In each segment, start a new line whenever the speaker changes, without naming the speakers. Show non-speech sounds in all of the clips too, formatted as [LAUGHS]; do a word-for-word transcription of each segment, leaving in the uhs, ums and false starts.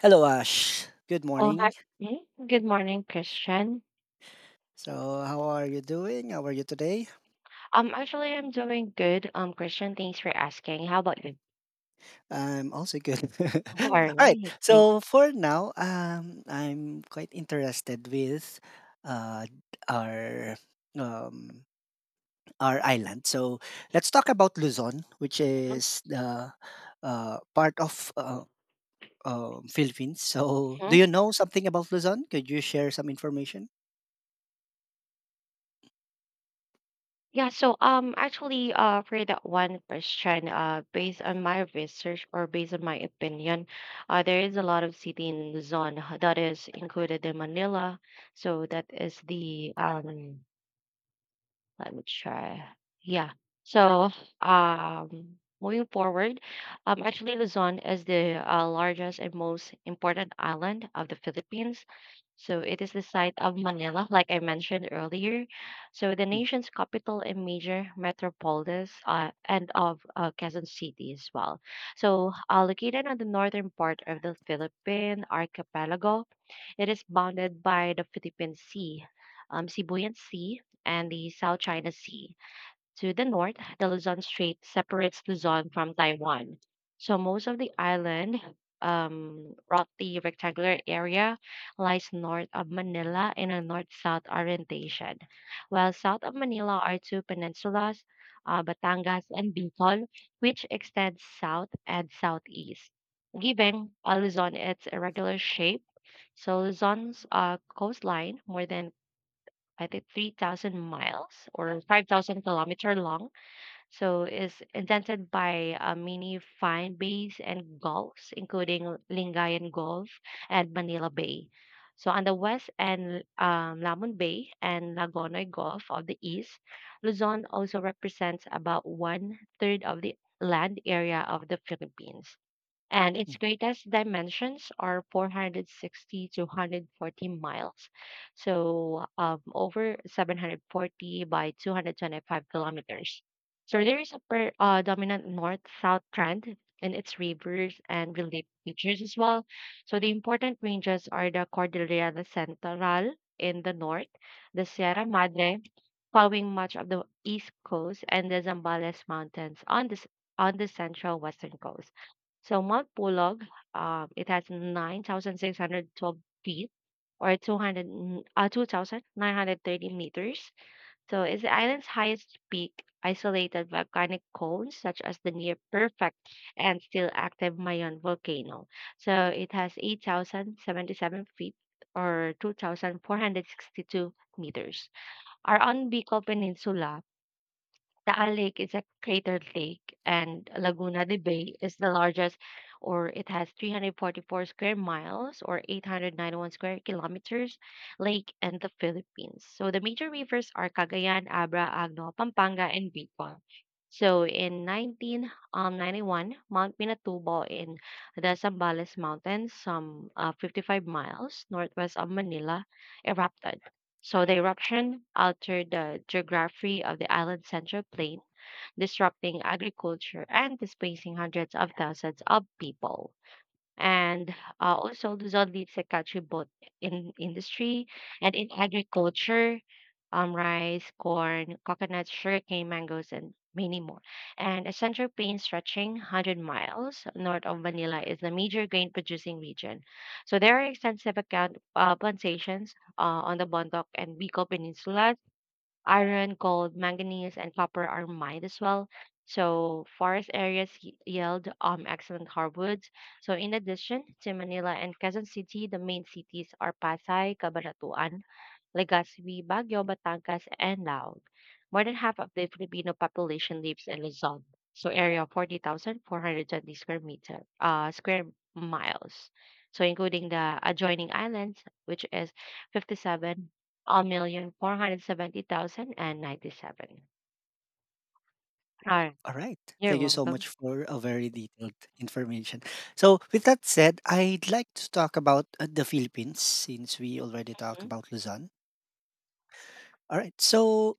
Hello, Ash. Good
Oh, hi.
morning.
Hmm? Good morning, Christian.
So, how are you doing? How are you today?
Um, actually, I'm doing good. Um, Christian, thanks for asking. How about you?
I'm also good. [LAUGHS]
[LAUGHS] All
All
right.
right.
Thanks.
So, for now, um, I'm quite interested with uh, our um, our island. So, let's talk about Luzon, which is the uh, part of uh, um Philippines. So, do
Mhm.
you know something about Luzon? Could you share some information?
Yeah, so um actually uh for that one question, uh based on my research or based on my opinion, uh there is a lot of city in Luzon that is included in Manila. So that is the um Let me try. Yeah. So, um, moving forward, um, actually Luzon is the uh, largest and most important island of the Philippines. So it is the site of Manila, like I mentioned earlier. So the
Mm.
nation's capital and major metropolis, uh, and of uh, Quezon City as well. So uh, located on the northern part of the Philippine archipelago, it is bounded by the Philippine Sea, um, Sibuyan Sea, and the South China Sea. To the north, the Luzon Strait separates Luzon from Taiwan. So most of the island, um, roughly rectangular area, lies north of Manila in a north-south orientation. While south of Manila are two peninsulas, uh, Batangas and Bicol, which extend south and southeast. Giving uh, Luzon its irregular shape, so Luzon's uh, coastline, more than I think 3,000 miles or 5,000 kilometer long. So is indented by uh, many fine bays and gulfs, including Lingayen Gulf and Manila Bay. So on the west and um, Lamon Bay and Lagonoy Gulf of the east, Luzon also represents about one third of the land area of the Philippines, and
Mm.
its greatest dimensions are four hundred sixty to one hundred forty miles. So um, over seven hundred forty by two hundred twenty-five kilometers. So there is a per, uh, dominant north-south trend in its rivers and relief features as well. So the important ranges are the Cordillera Central in the north, the Sierra Madre, covering much of the east coast, and the Zambales Mountains on the, s- on the central western coast. So Mount Pulag, um, it has nine thousand six hundred twelve feet or two hundred, n- uh, two thousand nine hundred thirty meters. So it's the island's highest peak. Isolated volcanic cones such as the near perfect and still active Mayon volcano, so it has eight thousand seventy-seven feet or two thousand four hundred sixty-two meters, are on Bicol Peninsula. Taal Lake is a cratered lake, and Laguna de Bay is the largest, or it has three hundred forty-four square miles or eight hundred ninety-one square kilometers, lake in the Philippines. So the major rivers are Cagayan, Abra, Agno, Pampanga, and Bicol. So in nineteen ninety-one, Mount Pinatubo in the Zambales Mountains, some uh, fifty-five miles northwest of Manila, erupted. So the eruption altered the geography of the island's central plain, disrupting agriculture and displacing hundreds of thousands of people, and uh, also Luzon leads the country both in industry and in agriculture, um, rice, corn, coconuts, sugarcane, mangoes, and many more. And a central plain stretching one hundred miles north of Manila is the major grain producing region. So there are extensive account, uh, plantations uh, on the Bontoc and Bicol peninsulas. Iron, gold, manganese, and copper are mined as well. So forest areas y- yield um, excellent hardwoods. So in addition to Manila and Quezon City, the main cities are Pasay, Cabanatuan, Legazpi, Baguio, Batangas, and Laog. More than half of the Filipino population lives in Luzon, so area of forty thousand four hundred twenty square meter uh, square miles. So including the adjoining islands, which is fifty seven million four hundred seventy thousand and ninety seven. hundred seventy
All right.
thousand and
Thank
ninety seven. All
you
right,
so
you're welcome.
much for a very detailed information. So, with that said, I'd like to talk about uh, the Philippines since we already talked
Mhm.
about Luzon. All right. So,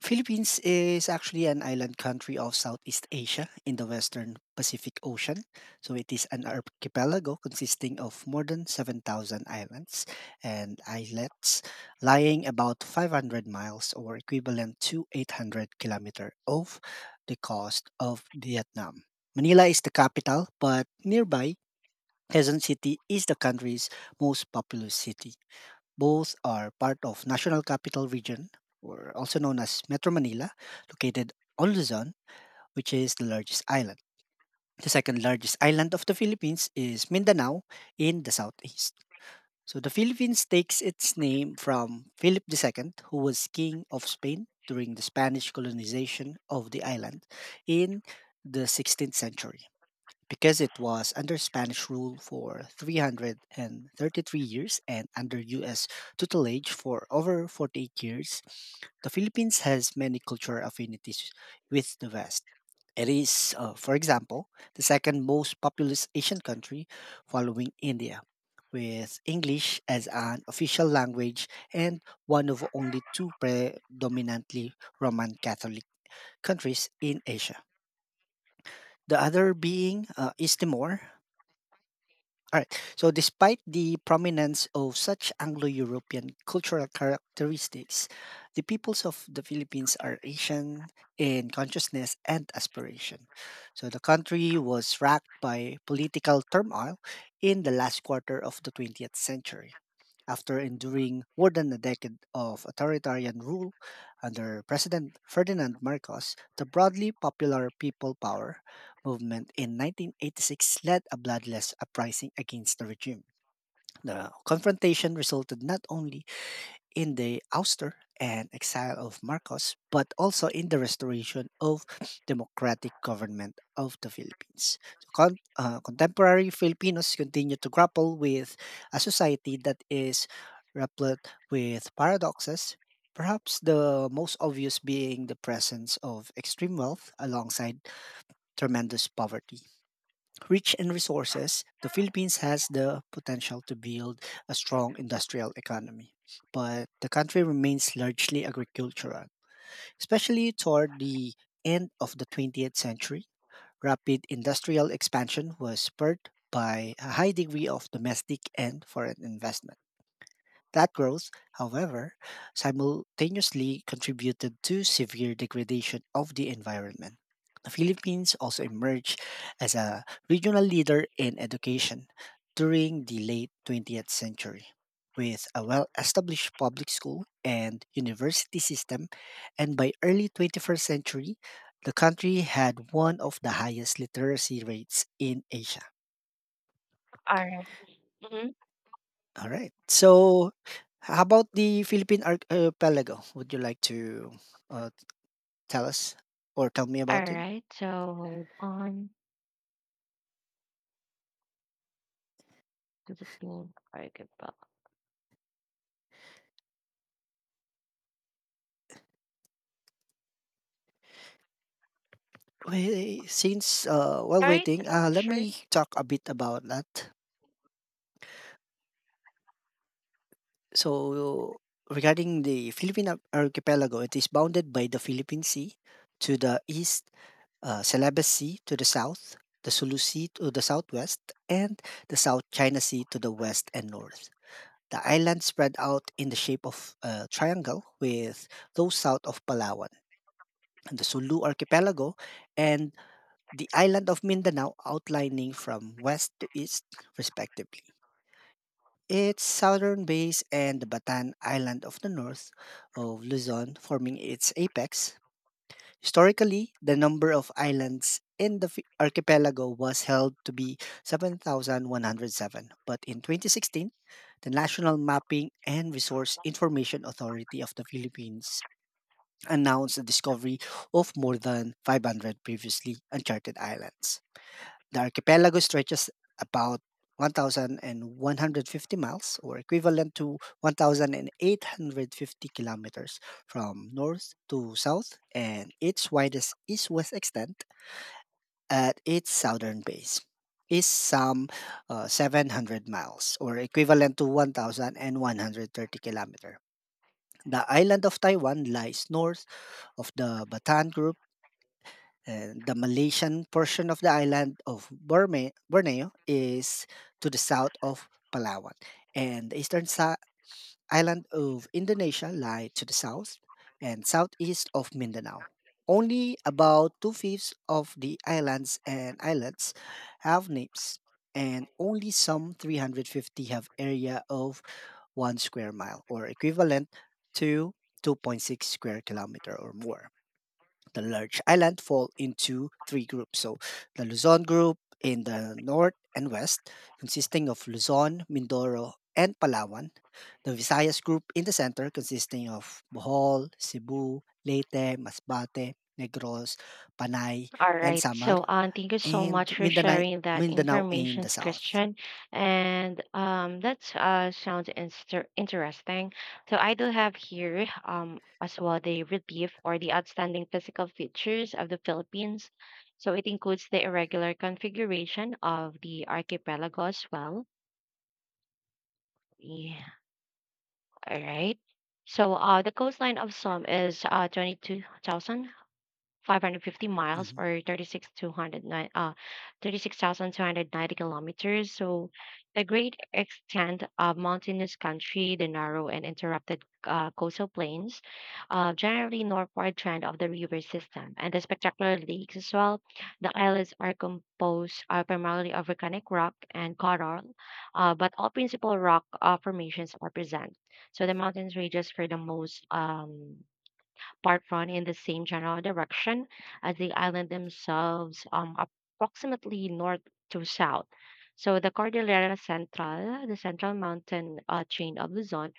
Philippines is actually an island country of Southeast Asia in the western Pacific Ocean. So it is an archipelago consisting of more than seven thousand islands and islets lying about five hundred miles, or equivalent to eight hundred kilometers off the coast of Vietnam. Manila is the capital, but nearby Quezon City is the country's most populous city. Both are part of National Capital Region, or also known as Metro Manila, located on Luzon, which is the largest island. The second largest island of the Philippines is Mindanao in the southeast. So the Philippines takes its name from Philip two, who was king of Spain during the Spanish colonization of the island in the sixteenth century. Because it was under Spanish rule for three hundred thirty-three years and under U S tutelage for over forty-eight years, the Philippines has many cultural affinities with the West. It is, uh, for example, the second most populous Asian country following India, with English as an official language and one of only two predominantly Roman Catholic countries in Asia, the other being uh, East Timor. All right. So, despite the prominence of such Anglo European cultural characteristics, the peoples of the Philippines are Asian in consciousness and aspiration. So, the country was racked by political turmoil in the last quarter of the twentieth century. After enduring more than a decade of authoritarian rule under President Ferdinand Marcos, the broadly popular people power movement in nineteen eighty-six led a bloodless uprising against the regime. The confrontation resulted not only in the ouster and exile of Marcos, but also in the restoration of democratic government of the Philippines. So, Con- uh, contemporary Filipinos continue to grapple with a society that is replete with paradoxes, perhaps the most obvious being the presence of extreme wealth alongside tremendous poverty. Rich in resources, the Philippines has the potential to build a strong industrial economy. But the country remains largely agricultural, especially toward the end of the twentieth century. Rapid industrial expansion was spurred by a high degree of domestic and foreign investment. That growth, however, simultaneously contributed to severe degradation of the environment. The Philippines also emerged as a regional leader in education during the late twentieth century, with a well established public school and university system, and by early twenty-first century, the country had one of the highest literacy rates in Asia.
All right. Mhm.
Alright. So, how about the Philippine archipelago? Would you like to uh, tell us or tell me
All
about it?
right. So hold on to the pin. All right, goodbye.
Well, since uh, while
All right,
waiting,
uh,
uh, let
sure.
me talk a bit about that. So, regarding the Philippine ar- archipelago, it is bounded by the Philippine Sea to the east, uh, Celebes Sea to the south, the Sulu Sea to the southwest, and the South China Sea to the west and north. The island spread out in the shape of a triangle with those south of Palawan and the Sulu archipelago and the island of Mindanao outlining from west to east, respectively. Its southern base and the Batan Island of the north of Luzon forming its apex. Historically, the number of islands in the fi- archipelago was held to be seven thousand one hundred seven, but in twenty sixteen, the National Mapping and Resource Information Authority of the Philippines announced the discovery of more than five hundred previously uncharted islands. The archipelago stretches about one thousand one hundred fifty miles, or equivalent to one thousand eight hundred fifty kilometers from north to south, and its widest east west extent at its southern base is some uh, seven hundred miles, or equivalent to one thousand one hundred thirty kilometers. The island of Taiwan lies north of the Bataan Group, and the Malaysian portion of the island of Borme- Borneo is to the south of Palawan, and the eastern sa- island of Indonesia lie to the south and southeast of Mindanao. Only about two fifths of the islands and islets have names, and only some three hundred fifty have area of one square mile, or equivalent to two point six square kilometer or more. The large island fall into three groups. So the Luzon group in the north and west, consisting of Luzon, Mindoro, and Palawan. The Visayas group in the center, consisting of Bohol, Cebu, Leyte, Masbate, Negros, Panay,
All
and
right.
Samar,
So, um, thank you so
and
much for
Mindanao,
sharing that
Mindanao in
information,
the south.
Christian. And um, that uh, sounds inster- interesting. So, I do have here um, as well the relief or the outstanding physical features of the Philippines. So, it includes the irregular configuration of the archipelago as well. Yeah. All right. So, uh, the coastline of Som is uh, twenty-two thousand. five hundred fifty miles,
Mhm.
or thirty six two hundred nine, uh, thirty-six thousand two hundred ninety kilometers. So, the great extent of mountainous country, the narrow and interrupted uh, coastal plains, uh, generally northward trend of the river system, and the spectacular lakes as well. The islands are composed uh, primarily of volcanic rock and coral, uh, but all principal rock uh, formations are present. So, the mountains ranges for the most, Um, part run in the same general direction as the island themselves, um, approximately north to south. So the Cordillera Central, the central mountain uh, chain of Luzon,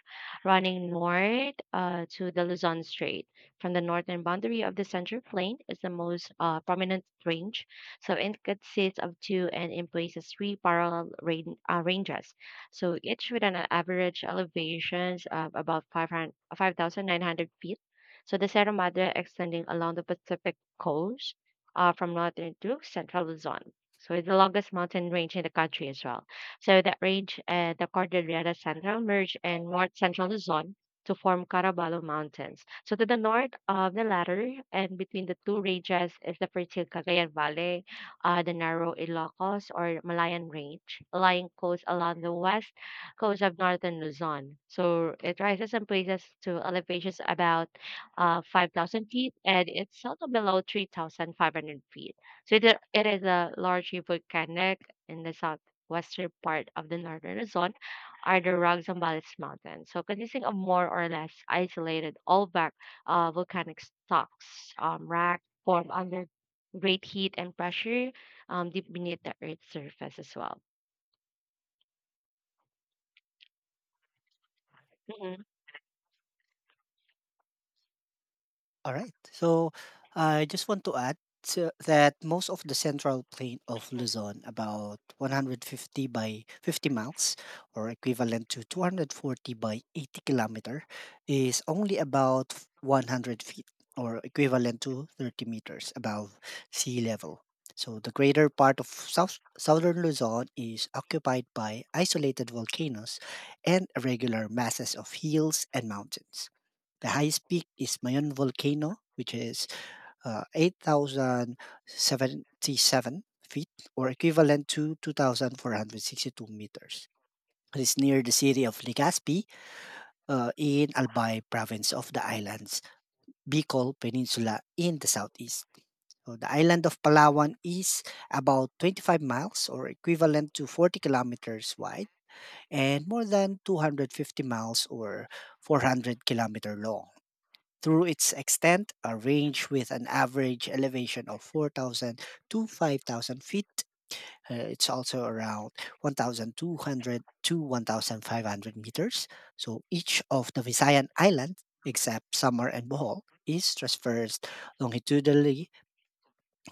running north uh, to the Luzon Strait, from the northern boundary of the Central Plain, is the most uh, prominent range. So it consists of two, and in places three, parallel rain, uh, ranges. So each with an average elevations of about five hundred five thousand nine hundred feet, so the Sierra Madre, extending along the Pacific coast uh, from northern to central Luzon, so it's the longest mountain range in the country as well. So that range, uh, the Cordillera Central, merge in north central Luzon to form Caraballo Mountains. So to the north of the latter and between the two ranges is the fertile Cagayan Valley, uh, the narrow Ilocos or Malayan Range, lying coast along the west coast of northern Luzon. So it rises in places to elevations about uh, 5,000 feet, and it's seldom below 3,500 feet. So it, it is a largely volcanic, in the southwestern part of the northern Luzon are the Roxambales Mountains. So consisting of more or less isolated all-back uh, volcanic stocks, um, rock formed under great heat and pressure, um, deep beneath the earth's surface as well. Mhm.
All right. So I just want to add to- that most of the central plain of Luzon, about one hundred fifty by fifty miles, or equivalent to two hundred forty by eighty kilometer, is only about one hundred feet, or equivalent to thirty meters above sea level. So the greater part of south, southern Luzon is occupied by isolated volcanoes and irregular masses of hills and mountains. The highest peak is Mayon Volcano, which is uh, eight thousand seventy-seven feet, or equivalent to two thousand four hundred sixty-two meters. It is near the city of Legazpi uh, in Albay province of the islands Bicol Peninsula in the southeast. So the island of Palawan is about twenty-five miles, or equivalent to forty kilometers wide, and more than two hundred fifty miles or four hundred kilometer long. Through its extent, a range with an average elevation of four thousand to five thousand feet. Uh, it's also around one thousand two hundred to one thousand five hundred meters. So each of the Visayan islands, except Samar and Bohol, is traversed longitudinally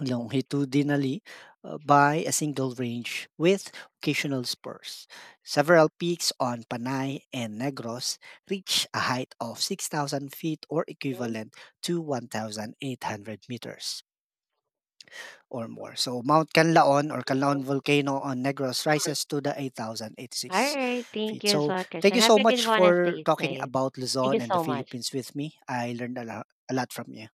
longitudinally uh, by a single range with occasional spurs. Several peaks on Panay and Negros reach a height of six thousand feet, or equivalent to one thousand eight hundred meters or more. So Mount Canlaon or Canlaon Volcano on Negros rises to the
All
eight thousand eighty-six
right. Thank
feet.
you as
So
well,
thank
Christian.
you
Have
so
a good
much
one and
for
stay
talking
safe.
about
Thank you
Luzon and the
so much.
Philippines with me. I learned a lot, a lot from you.